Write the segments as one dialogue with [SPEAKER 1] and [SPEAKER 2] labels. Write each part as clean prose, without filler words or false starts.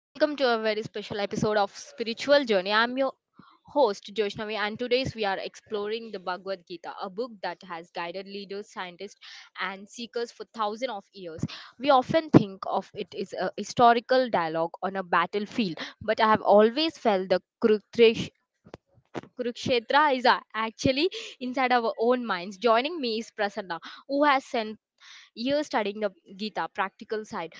[SPEAKER 1] Welcome to a very special episode of Spiritual Journey. I'm your host Joshnavi and today's we are exploring the Bhagavad Gita, a book that has guided leaders, scientists and seekers for thousands of years. We often think of it as a historical dialogue on a battlefield, but I have always felt the Kurukshetra is actually inside our own minds. Joining me is Prasanna, who has spent years studying the Gita practical side.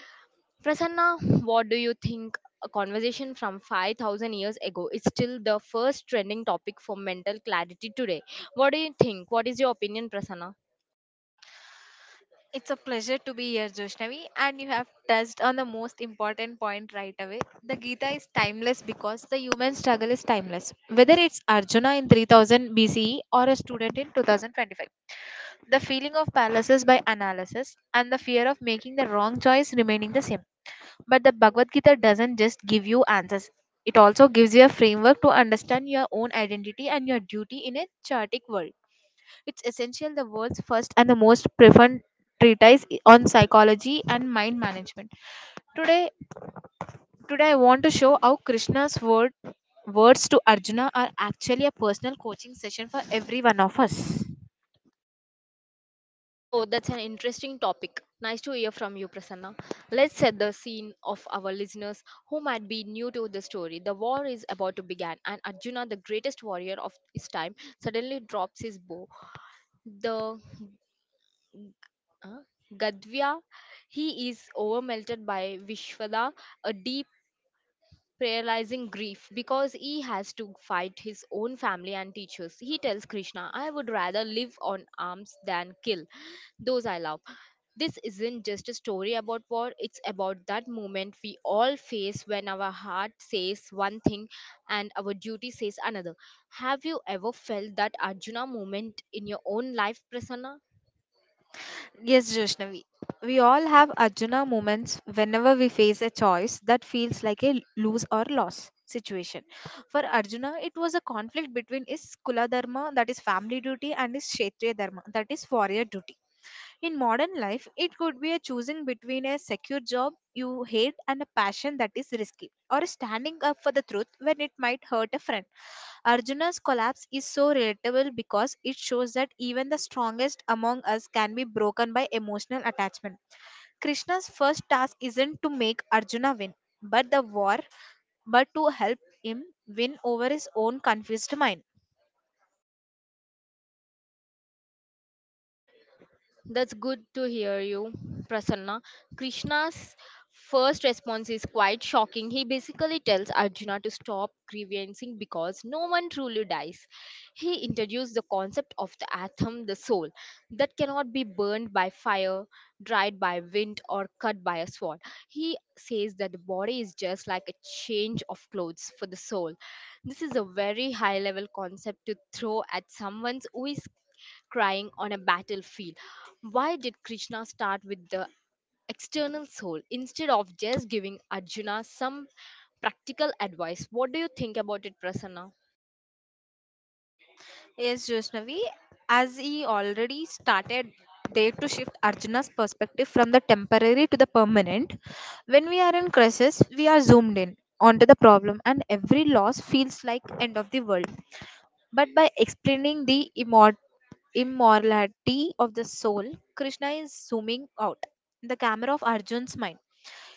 [SPEAKER 1] Prasanna, what do you think? A conversation from 5,000 years ago is still the first trending topic for mental clarity today. What do you think? What is your opinion, Prasanna?
[SPEAKER 2] It's a pleasure to be here, Joshnavi, and you have touched on the most important point right away. The Gita is timeless because the human struggle is timeless, whether it's Arjuna in 3000 BCE or a student in 2025. The feeling of paralysis by analysis and the fear of making the wrong choice remaining the same. But the Bhagavad Gita doesn't just give you answers. It also gives you a framework to understand your own identity and your duty in a chaotic world. It's essential the world's first and the most preferred treatise on psychology and mind management. Today, today I want to show how Krishna's words to Arjuna are actually a personal coaching session for every one of us.
[SPEAKER 1] Oh, that's an interesting topic. Nice to hear from you, Prasanna. Let's set the scene of our listeners who might be new to the story. The war is about to begin, and Arjuna, the greatest warrior of his time, suddenly drops his bow. The uh, Gadhya, he is overwhelmed by Vishwada, a deep paralyzing grief because he has to fight his own family and teachers. He tells Krishna, I would rather live on arms than kill those I love. This isn't just a story about war, it's about that moment we all face when our heart says one thing and our duty says another. Have you ever felt that Arjuna moment in your own life, Prasanna?
[SPEAKER 2] Yes, Joshnavi. We all have Arjuna moments whenever we face a choice that feels like a lose or loss situation. For Arjuna, it was a conflict between his Kula Dharma, that is family duty, and his Kshetriya Dharma, that is warrior duty. In modern life, it could be a choosing between a secure job you hate and a passion that is risky, or standing up for the truth when it might hurt a friend. Arjuna's collapse is so relatable because it shows that even the strongest among us can be broken by emotional attachment. Krishna's first task isn't to make Arjuna win, but the war, but to help him win over his own confused mind.
[SPEAKER 1] That's good to hear you, Prasanna. Krishna's first response is quite shocking. He basically tells Arjuna to stop grievancing because no one truly dies. He introduced the concept of the atom, the soul, that cannot be burned by fire, dried by wind, or cut by a sword. He says that the body is just like a change of clothes for the soul. This is a very high level concept to throw at someone who is crying on a battlefield. Why did Krishna start with the external soul instead of just giving Arjuna some practical advice? What do you think about it, Prasanna?
[SPEAKER 2] Yes, Vaishnavi, as he already started there to shift Arjuna's perspective from the temporary to the permanent, when we are in crisis, we are zoomed in onto the problem and every loss feels like end of the world. But by explaining the immortality of the soul, Krishna is zooming out the camera of Arjun's mind.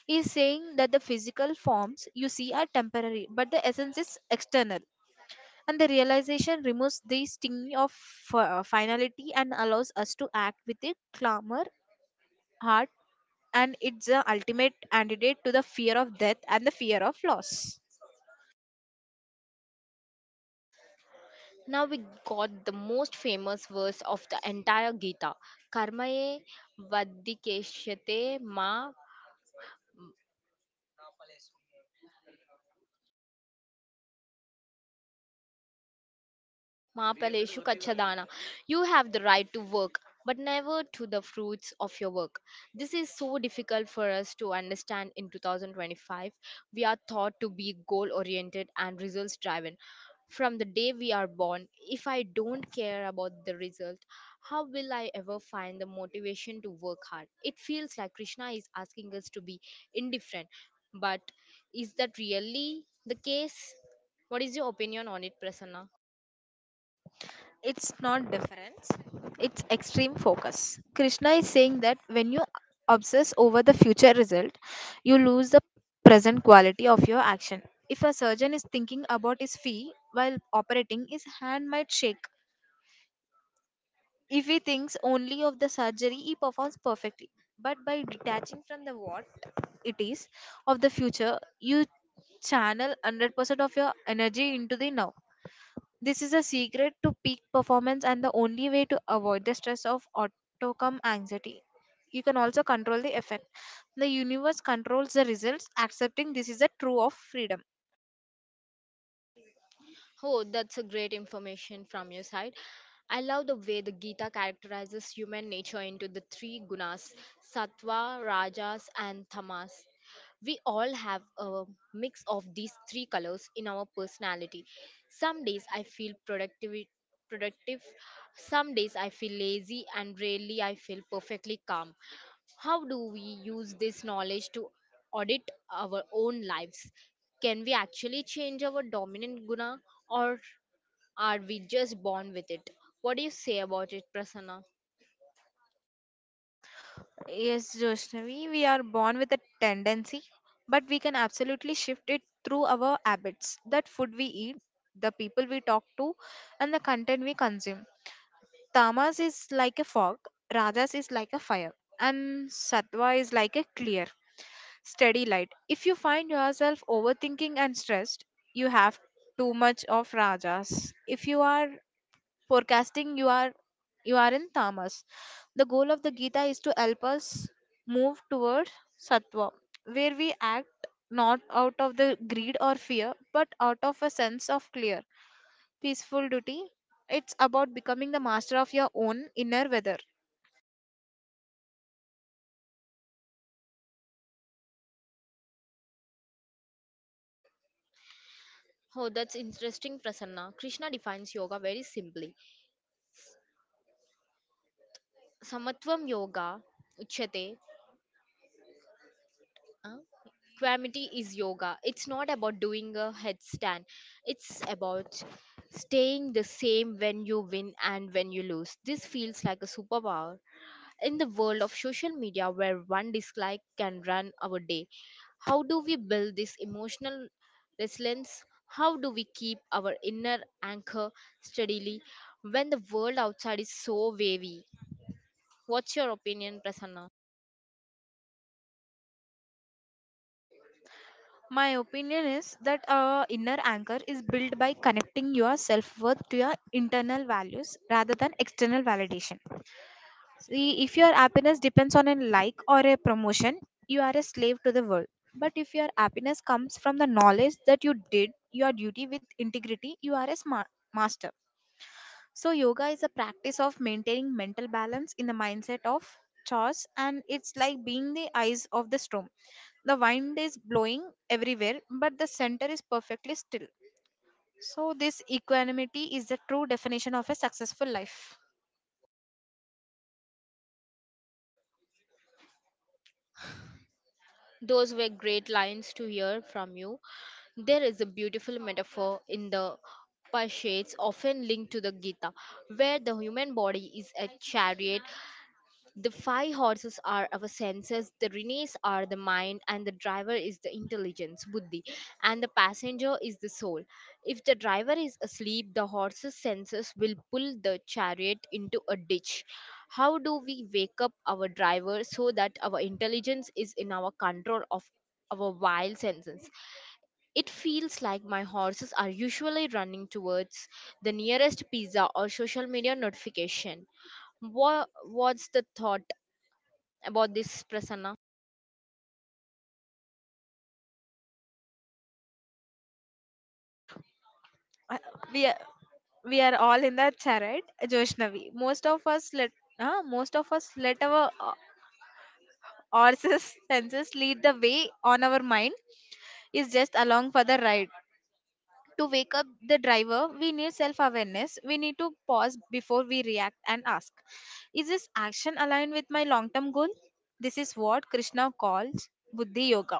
[SPEAKER 2] He is saying that the physical forms you see are temporary, but the essence is external, and the realization removes the sting of finality and allows us to act with a calmer heart, and it's the ultimate antidote to the fear of death and the fear of loss.
[SPEAKER 1] Now we got the most famous verse of the entire Gita, Karmaye Vadikeshate Ma Maapaleshu Kachadana. You have the right to work, but never to the fruits of your work. This is so difficult for us to understand in 2025. We are taught to be goal oriented and results driven. From the day we are born, if I don't care about the result, how will I ever find the motivation to work hard? It feels like Krishna is asking us to be indifferent, but is that really the case? What is your opinion on it, Prasanna?
[SPEAKER 2] It's not difference, it's extreme focus. Krishna is saying that when you obsess over the future result, you lose the present quality of your action. If a surgeon is thinking about his fee while operating, his hand might shake. If he thinks only of the surgery, he performs perfectly. But by detaching from the what it is of the future, you channel 100% of your energy into the now. This is a secret to peak performance and the only way to avoid the stress of outcome anxiety. You can also control the effect. The universe controls the results, accepting this is a true of freedom.
[SPEAKER 1] Oh, that's a great information from your side. I love the way the Gita characterizes human nature into the three gunas, sattva, rajas, and tamas. We all have a mix of these three colors in our personality. Some days I feel productive. Some days I feel lazy, and rarely I feel perfectly calm. How do we use this knowledge to audit our own lives? Can we actually change our dominant guna or are we just born with it? What do you say about it, Prasanna?
[SPEAKER 2] Yes, Joshnavi, we are born with a tendency, but we can absolutely shift it through our habits, that food we eat, the people we talk to, and the content we consume. Tamas is like a fog, Rajas is like a fire, and Sattva is like a clear, steady light. If you find yourself overthinking and stressed, you have too much of Rajas. If you are forecasting, you are in tamas. The goal of the Gita is to help us move towards sattva, where we act not out of the greed or fear, but out of a sense of clear, peaceful duty. It's about becoming the master of your own inner weather.
[SPEAKER 1] Oh, that's interesting, Prasanna. Krishna defines yoga very simply. Samatvam yoga, uchyate, uh, equanimity is yoga. It's not about doing a headstand. It's about staying the same when you win and when you lose. This feels like a superpower in the world of social media where one dislike can run our day. How do we build this emotional resilience? How do we keep our inner anchor steadily when the world outside is so wavy? What's your opinion, Prasanna?
[SPEAKER 2] My opinion is that inner anchor is built by connecting your self worth to your internal values rather than external validation. See, if your happiness depends on a like or a promotion, you are a slave to the world. But if your happiness comes from the knowledge that you did your duty with integrity, you are a smart master. So, yoga is a practice of maintaining mental balance in the mindset of chores, and it's like being the eyes of the storm. The wind is blowing everywhere, but the center is perfectly still. So, this equanimity is the true definition of a successful life.
[SPEAKER 1] Those were great lines to hear from you. There is a beautiful metaphor in the Pashets often linked to the Gita, where the human body is a chariot. The five horses are our senses, the reins are the mind, and the driver is the intelligence, buddhi, and the passenger is the soul. If the driver is asleep, the horse's senses will pull the chariot into a ditch. How do we wake up our driver so that our intelligence is in our control of our wild senses? It feels like my horses are usually running towards the nearest pizza or social media notification. Wha what's the thought about this, Prasanna?
[SPEAKER 2] Uh, We we are all in the chariot, Joshnavi. Most of us let most of us let our senses senses lead the way on our mind is just along for the ride. To wake up the driver, we need self awareness. We need to pause before we react and ask, is this action aligned with my long term goal? This is what Krishna calls Buddhi Yoga.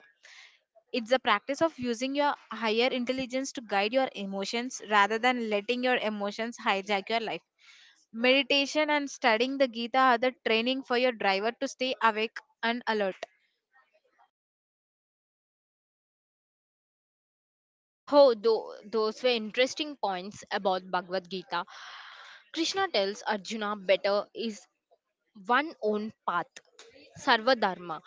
[SPEAKER 2] It's the practice of using your higher intelligence to guide your emotions rather than letting your emotions hijack your life. Meditation and studying the Gita are the training for your driver to stay awake and alert.
[SPEAKER 1] Oh, those were interesting points about Bhagavad Gita. Krishna tells Arjuna, better is one own path, Sarva Dharma,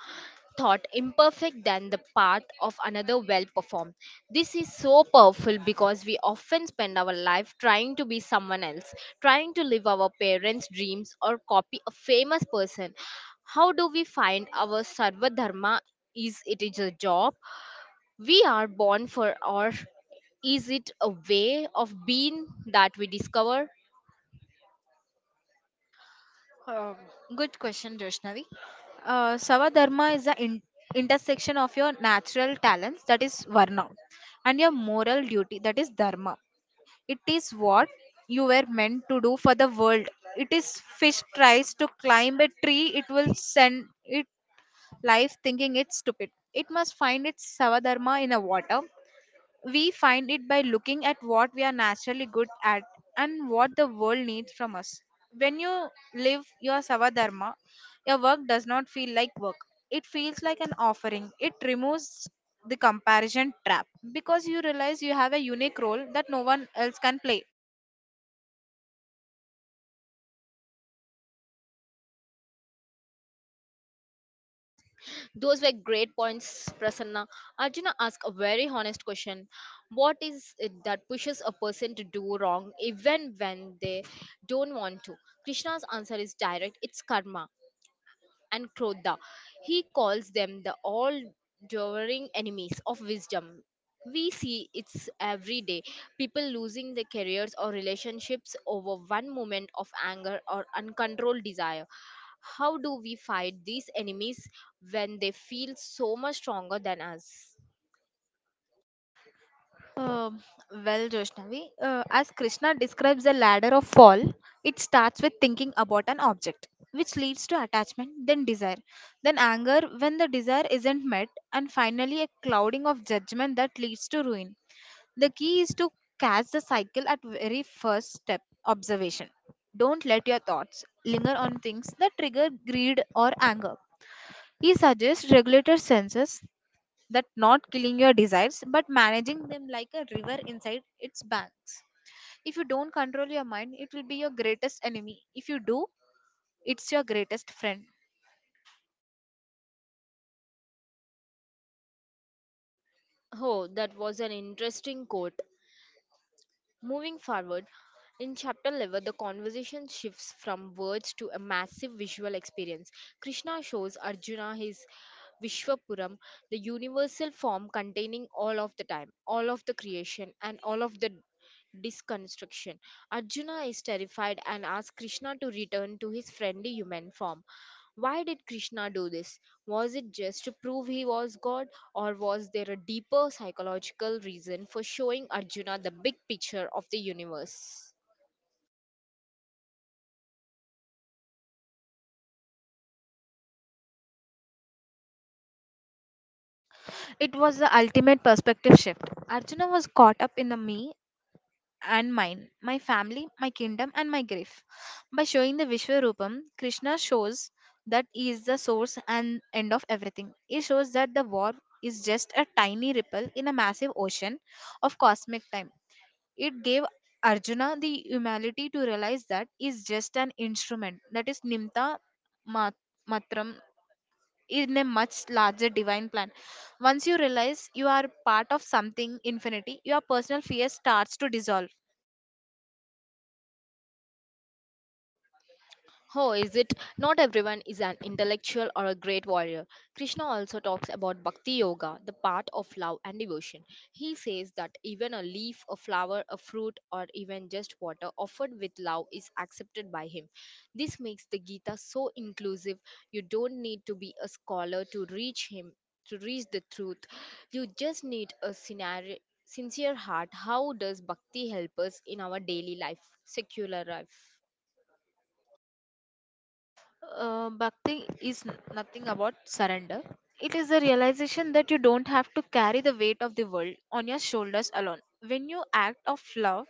[SPEAKER 1] thought imperfect than the path of another well performed. This is so powerful because we often spend our life trying to be someone else, trying to live our parents' dreams or copy a famous person. How do we find our Sarva Dharma? Is it is a job? We are born for, or is it a way of being that we discover?
[SPEAKER 2] Um, Good question, Joshnavi. Savadharma is the intersection of your natural talents, that is Varna, and your moral duty, that is Dharma. It is what you were meant to do for the world. It is fish tries to climb a tree, it will send it life thinking it's stupid. It must find its savadharma in the water. We find it by looking at what we are naturally good at and what the world needs from us. When you live your savadharma, your work does not feel like work. It feels like an offering. It removes the comparison trap because you realize you have a unique role that no one else can play.
[SPEAKER 1] Those were great points, Prasanna. Arjuna asked a very honest question. What is it that pushes a person to do wrong even when they don't want to? Krishna's answer is direct, it's karma and Krodha. He calls them the all devouring enemies of wisdom. We see it's every day people losing their careers or relationships over one moment of anger or uncontrolled desire. How do we fight these enemies when they feel so much stronger than us?
[SPEAKER 2] Um, well, Joshnavi, as Krishna describes the ladder of fall, it starts with thinking about an object, which leads to attachment, then desire, then anger when the desire isn't met, and finally a clouding of judgment that leads to ruin. The key is to catch the cycle at very first step observation. Don't let your thoughts linger on things that trigger greed or anger. He suggests regulate senses that not killing your desires but managing them like a river inside its banks. If you don't control your mind, it will be your greatest enemy. If you do, it's your greatest friend.
[SPEAKER 1] Oh, that was an interesting quote. Moving forward, in chapter 11, the conversation shifts from words to a massive visual experience. Krishna shows Arjuna his Vishwapuram, the universal form containing all of the time, all of the creation, and all of the disconstruction. Arjuna is terrified and asks Krishna to return to his friendly human form. Why did Krishna do this? Was it just to prove he was God, or was there a deeper psychological reason for showing Arjuna the big picture of the universe?
[SPEAKER 2] It was the ultimate perspective shift. Arjuna was caught up in the me and mine, my family, my kingdom, and my grief. By showing the Vishwarupam, Krishna shows that he is the source and end of everything. He shows that the war is just a tiny ripple in a massive ocean of cosmic time. It gave Arjuna the humility to realize that he's just an instrument, that is Nimta Mat- Matram, in a much larger divine plan. Once you realize you are part of something infinity, your personal fear starts to dissolve.
[SPEAKER 1] Oh, is it? Not everyone is an intellectual or a great warrior. Krishna also talks about bhakti yoga, the path of love and devotion. He says that even a leaf, a flower, a fruit, or even just water offered with love is accepted by him. This makes the Gita so inclusive. You don't need to be a scholar to reach him, to reach the truth. You just need a sincere heart. How does bhakti help us in our daily life, secular life?
[SPEAKER 2] Bhakti is nothing about surrender. It is the realization that you don't have to carry the weight of the world on your shoulders alone. When you act of love,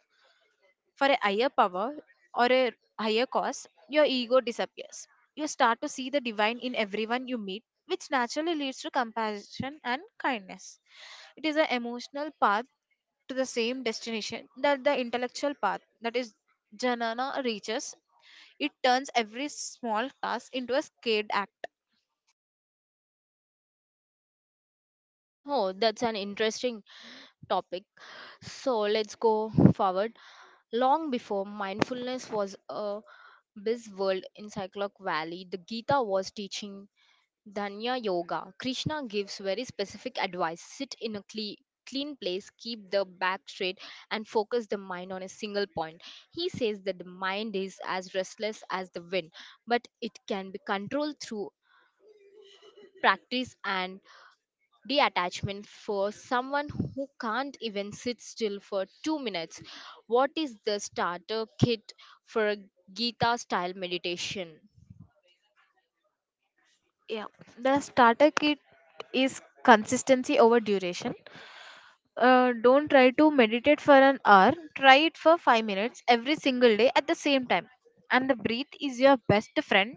[SPEAKER 2] for a higher power or a higher cause, your ego disappears. You start to see the divine in everyone you meet, which naturally leads to compassion and kindness. It is an emotional path to the same destination that the intellectual path, that is, Janana, reaches. It turns every small task into a skate act.
[SPEAKER 1] Oh, that's an interesting topic. So let's go forward. Long before mindfulness was a buzzword in Cycloc Valley, the Gita was teaching Dhanya Yoga. Krishna gives very specific advice, sit in a clean place, keep the back straight and focus the mind on a single point. He says that the mind is as restless as the wind, but it can be controlled through practice and detachment. For someone who can't even sit still for 2 minutes, what is the starter kit for a Gita style meditation?
[SPEAKER 2] Yeah. The starter kit is consistency over duration. Don't try to meditate for an hour, try it for 5 minutes every single day at the same time. And the breath is your best friend,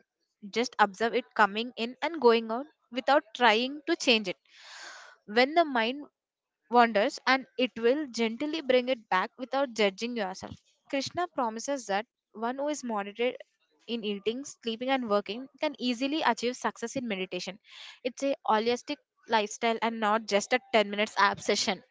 [SPEAKER 2] just observe it coming in and going out without trying to change it. When the mind wanders, and it will, gently bring it back without judging yourself. Krishna promises that one who is monitored in eating, sleeping, and working can easily achieve success in meditation. It's a holistic lifestyle and not just a 10 minutes app session.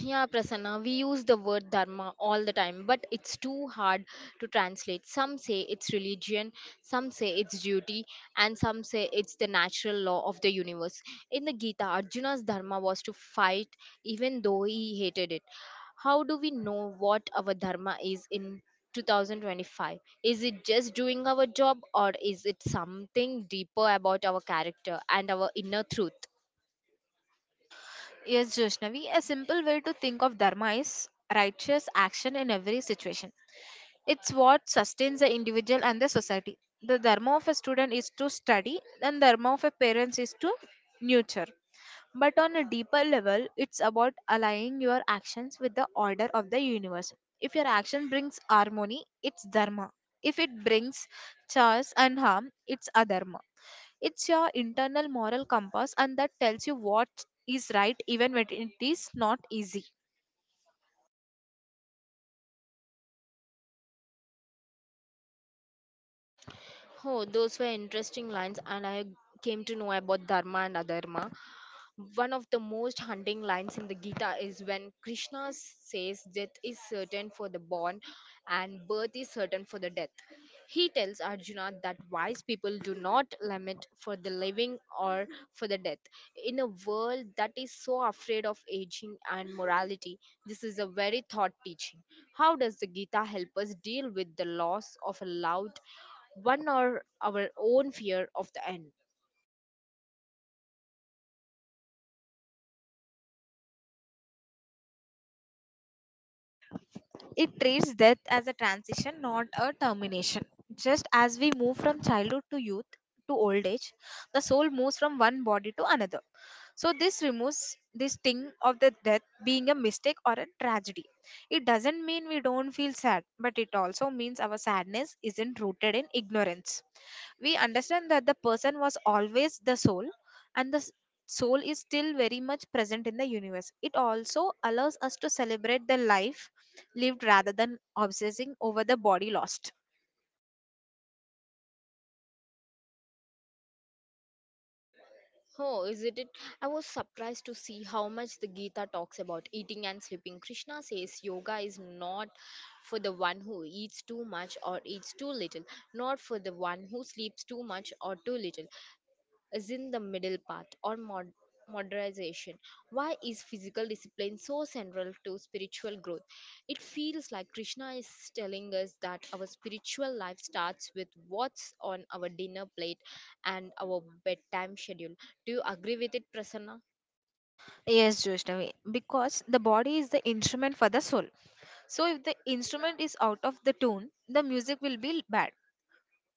[SPEAKER 1] Yeah, Prasanna, we use the word dharma all the time, but it's too hard to translate. Some say it's religion, some say it's duty, and some say it's the natural law of the universe. In the Gita, Arjuna's dharma was to fight even though he hated it. How do we know what our dharma is in 2025? Is it just doing our job, or is it something deeper about our character and our inner truth?
[SPEAKER 2] Yes, Joshnavi, a simple way to think of dharma is righteous action in every situation. It's what sustains the individual and the society. The dharma of a student is to study, and dharma of a parent is to nurture. But on a deeper level, it's about aligning your actions with the order of the universe. If your action brings harmony, it's dharma. If it brings chaos and harm, it's adharma. It's your internal moral compass, and that tells you what is right even when it is not easy.
[SPEAKER 1] Oh, those were interesting lines, and I came to know about dharma and adharma. One of the most haunting lines in the Gita is when Krishna says death is certain for the born and birth is certain for the death. He tells Arjuna that wise people do not lament for the living or for the death. In a world that is so afraid of aging and morality, this is a very thought teaching. How does the Gita help us deal with the loss of a loved one or our own fear of the end?
[SPEAKER 2] It treats death as a transition, not a termination. Just as we move from childhood to youth to old age, the soul moves from one body to another. So, this removes this thing of the death being a mistake or a tragedy. It doesn't mean we don't feel sad, but it also means our sadness isn't rooted in ignorance. We understand that the person was always the soul, and the soul is still very much present in the universe. It also allows us to celebrate the life lived rather than obsessing over the body lost.
[SPEAKER 1] Oh, isn't it? I was surprised to see how much the Gita talks about eating and sleeping. Krishna says yoga is not for the one who eats too much or eats too little, not for the one who sleeps too much or too little, is in the middle path or modernization? Why is physical discipline so central to spiritual growth? It feels like Krishna is telling us that our spiritual life starts with what's on our dinner plate and our bedtime schedule. Do you agree with it, Prasanna?
[SPEAKER 2] Yes, Vaishnavi, because the body is the instrument for the soul, so if the instrument is out of the tune the music will be bad.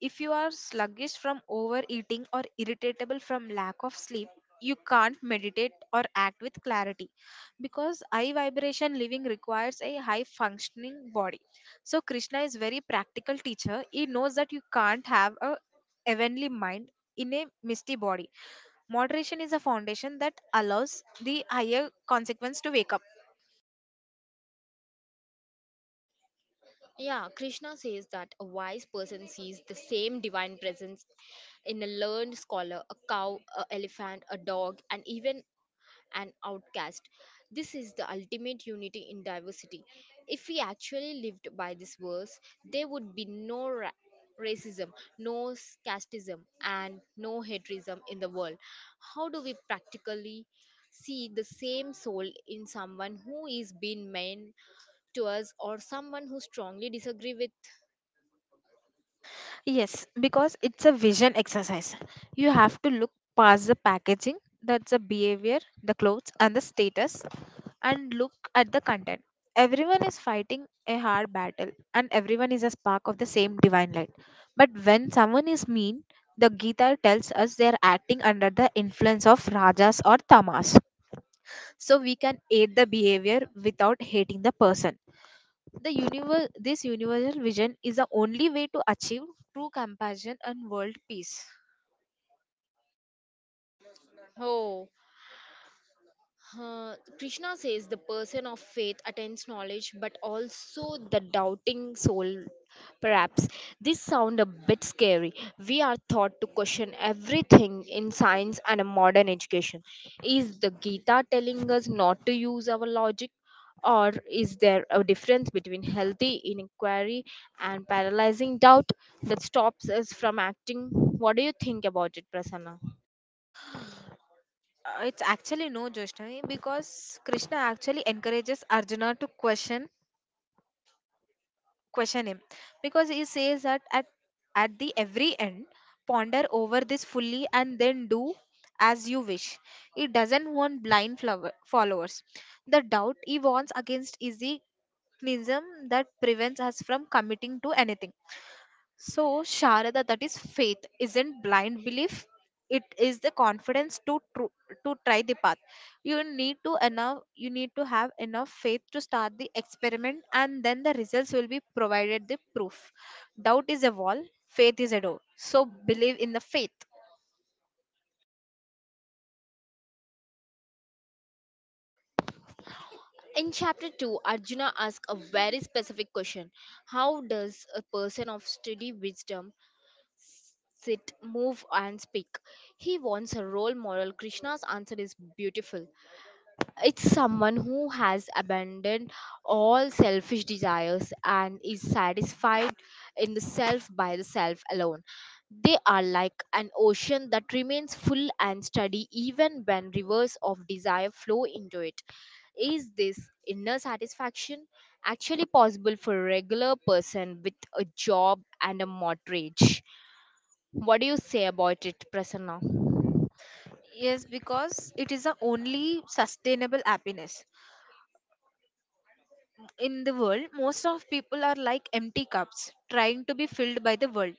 [SPEAKER 2] If you are sluggish from overeating or irritable from lack of sleep, you can't meditate or act with clarity because high vibration living requires a high functioning body. So Krishna is very practical teacher. He knows that you can't have a heavenly mind in a misty body. Moderation is a foundation that allows the higher consequence to wake up.
[SPEAKER 1] Yeah, Krishna says that a wise person sees the same divine presence in a learned scholar, a cow, an elephant, a dog, and even and outcast. This is the ultimate unity in diversity. If we actually lived by this verse, there would be no racism, no casteism, and no hatrism in the world. How do we practically see the same soul in someone who is being mean to us or someone who strongly disagree with?
[SPEAKER 2] Yes, because it's a vision exercise. You have to look past the packaging, that's the behavior, the clothes, and the status, and look at the content. Everyone is fighting a hard battle, and everyone is a spark of the same divine light. But when someone is mean, the Gita tells us they are acting under the influence of Rajas or Tamas. So we can aid the behavior without hating the person. The universe, this universal vision is the only way to achieve true compassion and world peace.
[SPEAKER 1] Oh, Krishna says the person of faith attains knowledge but also the doubting soul. Perhaps this sound a bit scary. We are taught to question everything in science and a modern education. Is the Gita telling us not to use our logic? Or is there a difference between healthy inquiry and paralyzing doubt that stops us from acting? What do you think about it, Prasanna?
[SPEAKER 2] It's actually no, Joshnavi, because Krishna actually encourages Arjuna to question him, because he says that at the every end, ponder over this fully and then do as you wish. He doesn't want blind flower, followers. The doubt he warns against is the cynicism that prevents us from committing to anything. So, Sharada, that is faith, isn't blind belief. It is the confidence to to try the path. You need to enough. You need to have enough faith to start the experiment, and then the results will be provided the proof. Doubt is a wall. Faith is a door. So believe in the faith.
[SPEAKER 1] In chapter 2, Arjuna asks a very specific question. How does a person of steady wisdom sit, move, and speak? He wants a role model. Krishna's answer is beautiful. It's someone who has abandoned all selfish desires and is satisfied in the self by the self alone. They are like an ocean that remains full and steady even when rivers of desire flow into it. Is this inner satisfaction actually possible for a regular person with a job and a mortgage? What do you say about it, Prasanna?
[SPEAKER 2] Yes, because it is the only sustainable happiness. In the world, most of people are like empty cups trying to be filled by the world.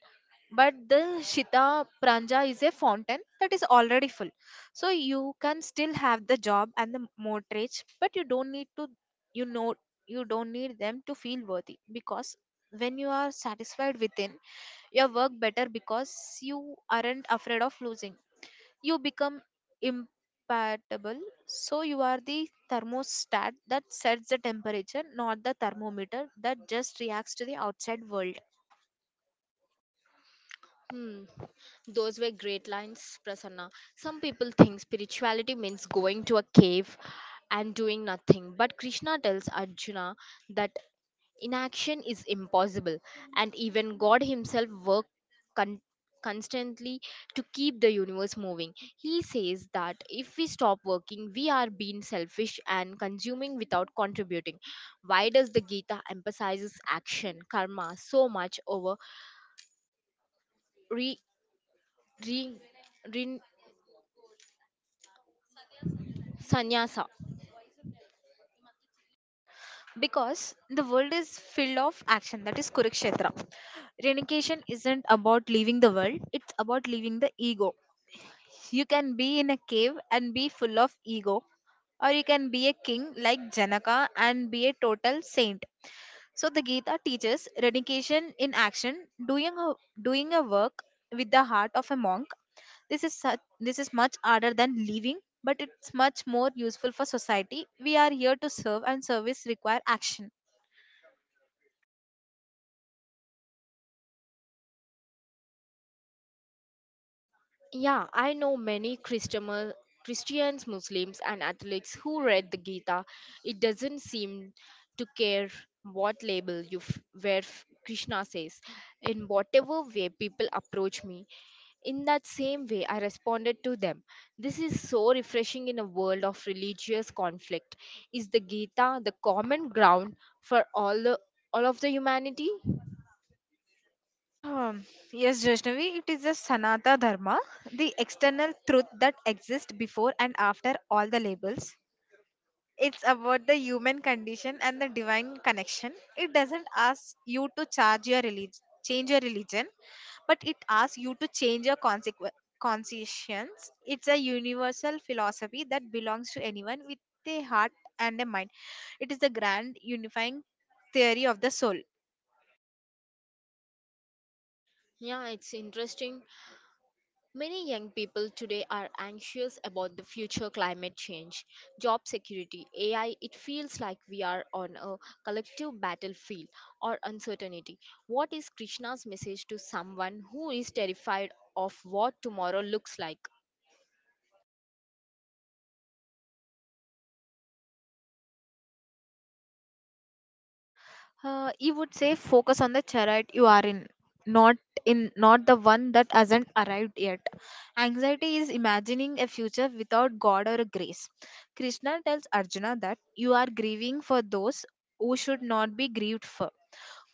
[SPEAKER 2] But the Shita Pranja is a fountain that is already full. So you can still have the job and the mortgage, but you don't need to, you know, you don't need them to feel worthy, because when you are satisfied within, you work better because you aren't afraid of losing. You become imperturbable. So you are the thermostat that sets the temperature, not the thermometer that just reacts to the outside world.
[SPEAKER 1] Hmm. Those were great lines, Prasanna. Some people think spirituality means going to a cave and doing nothing, but Krishna tells Arjuna that inaction is impossible, and even God Himself worked con- constantly to keep the universe moving. He says that if we stop working, we are being selfish and consuming without contributing. Why does the Gita emphasizes action, karma, so much over re? re- Sannyasa.
[SPEAKER 2] Because the world is filled of action, that is Kurukshetra. Renunciation isn't about leaving the world, it's about leaving the ego. You can be in a cave and be full of ego, or you can be a king like Janaka and be a total saint. So the Gita teaches dedication in action, doing a work with the heart of a monk. This is much harder than living, but it's much more useful for society. We are here to serve, and service require action.
[SPEAKER 1] Yeah, I know many Christmas, Christians, Muslims, and Catholics who read the Gita. It doesn't seem to care what label you Krishna says. In whatever way people approach me, in that same way I responded to them. This is so refreshing in a world of religious conflict. Is the Gita the common ground for all of the humanity?
[SPEAKER 2] Hmm. Yes, Vaishnavi, it is the Sanata Dharma, the external truth that exists before and after all the labels. It's about the human condition and the divine connection. It doesn't ask you to change your religion, but it asks you to change your consequence. Conscience. It's a universal philosophy that belongs to anyone with a heart and a mind. It is the grand unifying theory of the soul.
[SPEAKER 1] Yeah, it's interesting. Many young people today are anxious about the future climate change, job security, AI. It feels like we are on a collective battlefield or uncertainty. What is Krishna's message to someone who is terrified of what tomorrow looks like?
[SPEAKER 2] You would say focus on the chariot you are in, not not the one that hasn't arrived yet. Anxiety is imagining a future without God or grace. Krishna tells Arjuna that you are grieving for those who should not be grieved for.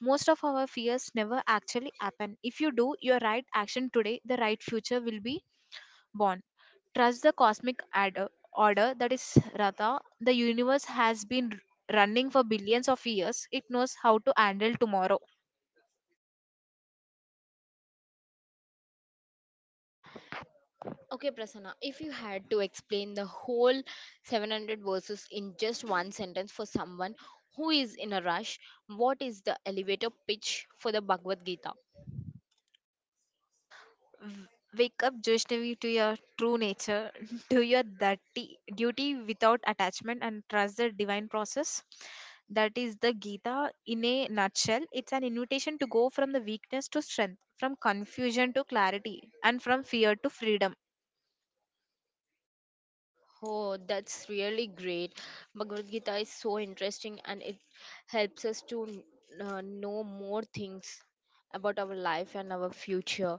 [SPEAKER 2] Most of our fears never actually happen. If you do your right action today, the right future will be Bond. Trust the cosmic order that is Ratha. The universe has been running for billions of years. It knows how to handle tomorrow.
[SPEAKER 1] Okay, Prasanna, if you had to explain the whole 700 verses in just one sentence for someone who is in a rush, what is the elevator pitch for the Bhagavad Gita?
[SPEAKER 2] W- Wake up, Vaishnavi, to your true nature. Do your dirty duty without attachment and trust the divine process. That is the Gita in a nutshell. It's an invitation to go from the weakness to strength, from confusion to clarity, and from fear to freedom.
[SPEAKER 1] Oh, that's really great. Bhagavad Gita is so interesting and it helps us to know more things about our life and our future.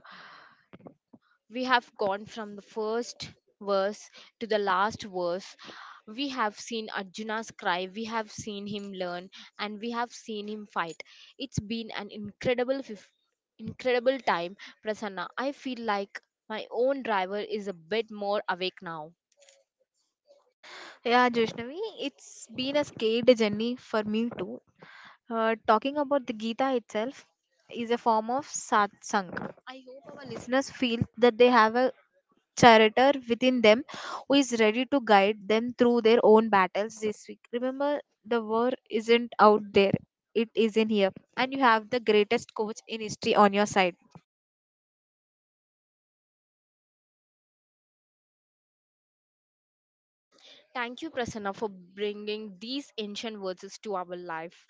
[SPEAKER 1] We have gone from the first verse to the last verse. We have seen Arjuna's cry, we have seen him learn, and we have seen him fight. It's been an incredible time, Prasanna. I feel like my own driver is a bit more awake now.
[SPEAKER 2] Yeah, Joshnavi, it's been a scared journey for me too. Talking about the Gita itself is a form of satsang. I hope our listeners feel that they have a charioteer within them who is ready to guide them through their own battles this week. Remember, the war isn't out there, it is in here, and you have the greatest coach in history on your side.
[SPEAKER 1] Thank you, Prasanna, for bringing these ancient verses to our life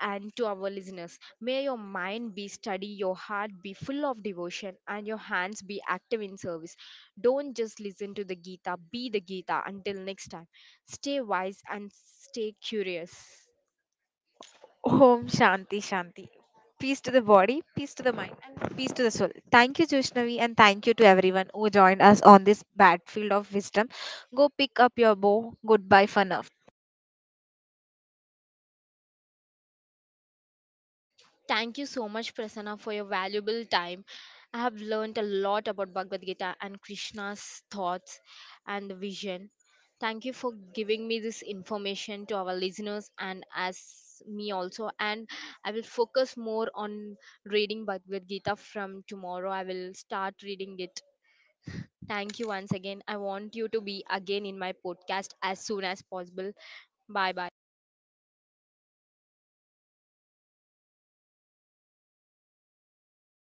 [SPEAKER 1] and to our listeners. May your mind be steady, your heart be full of devotion, and your hands be active in service. Don't just listen to the Gita, be the Gita. Until next time, stay wise and stay curious.
[SPEAKER 2] Om Shanti Shanti. Peace to the body, peace to the mind, and peace to the soul. Thank you, Joshnavi, and thank you to everyone who joined us on this battlefield of wisdom. Go pick up your bow. Goodbye for now.
[SPEAKER 1] Thank you so much, Prasanna, for your valuable time. I have learned a lot about Bhagavad Gita and Krishna's thoughts and the vision. Thank you for giving me this information to our listeners and as me also. And I will focus more on reading Bhagavad Gita from tomorrow. I will start reading it. Thank you once again. I want you to be again in my podcast as soon as possible. Bye bye.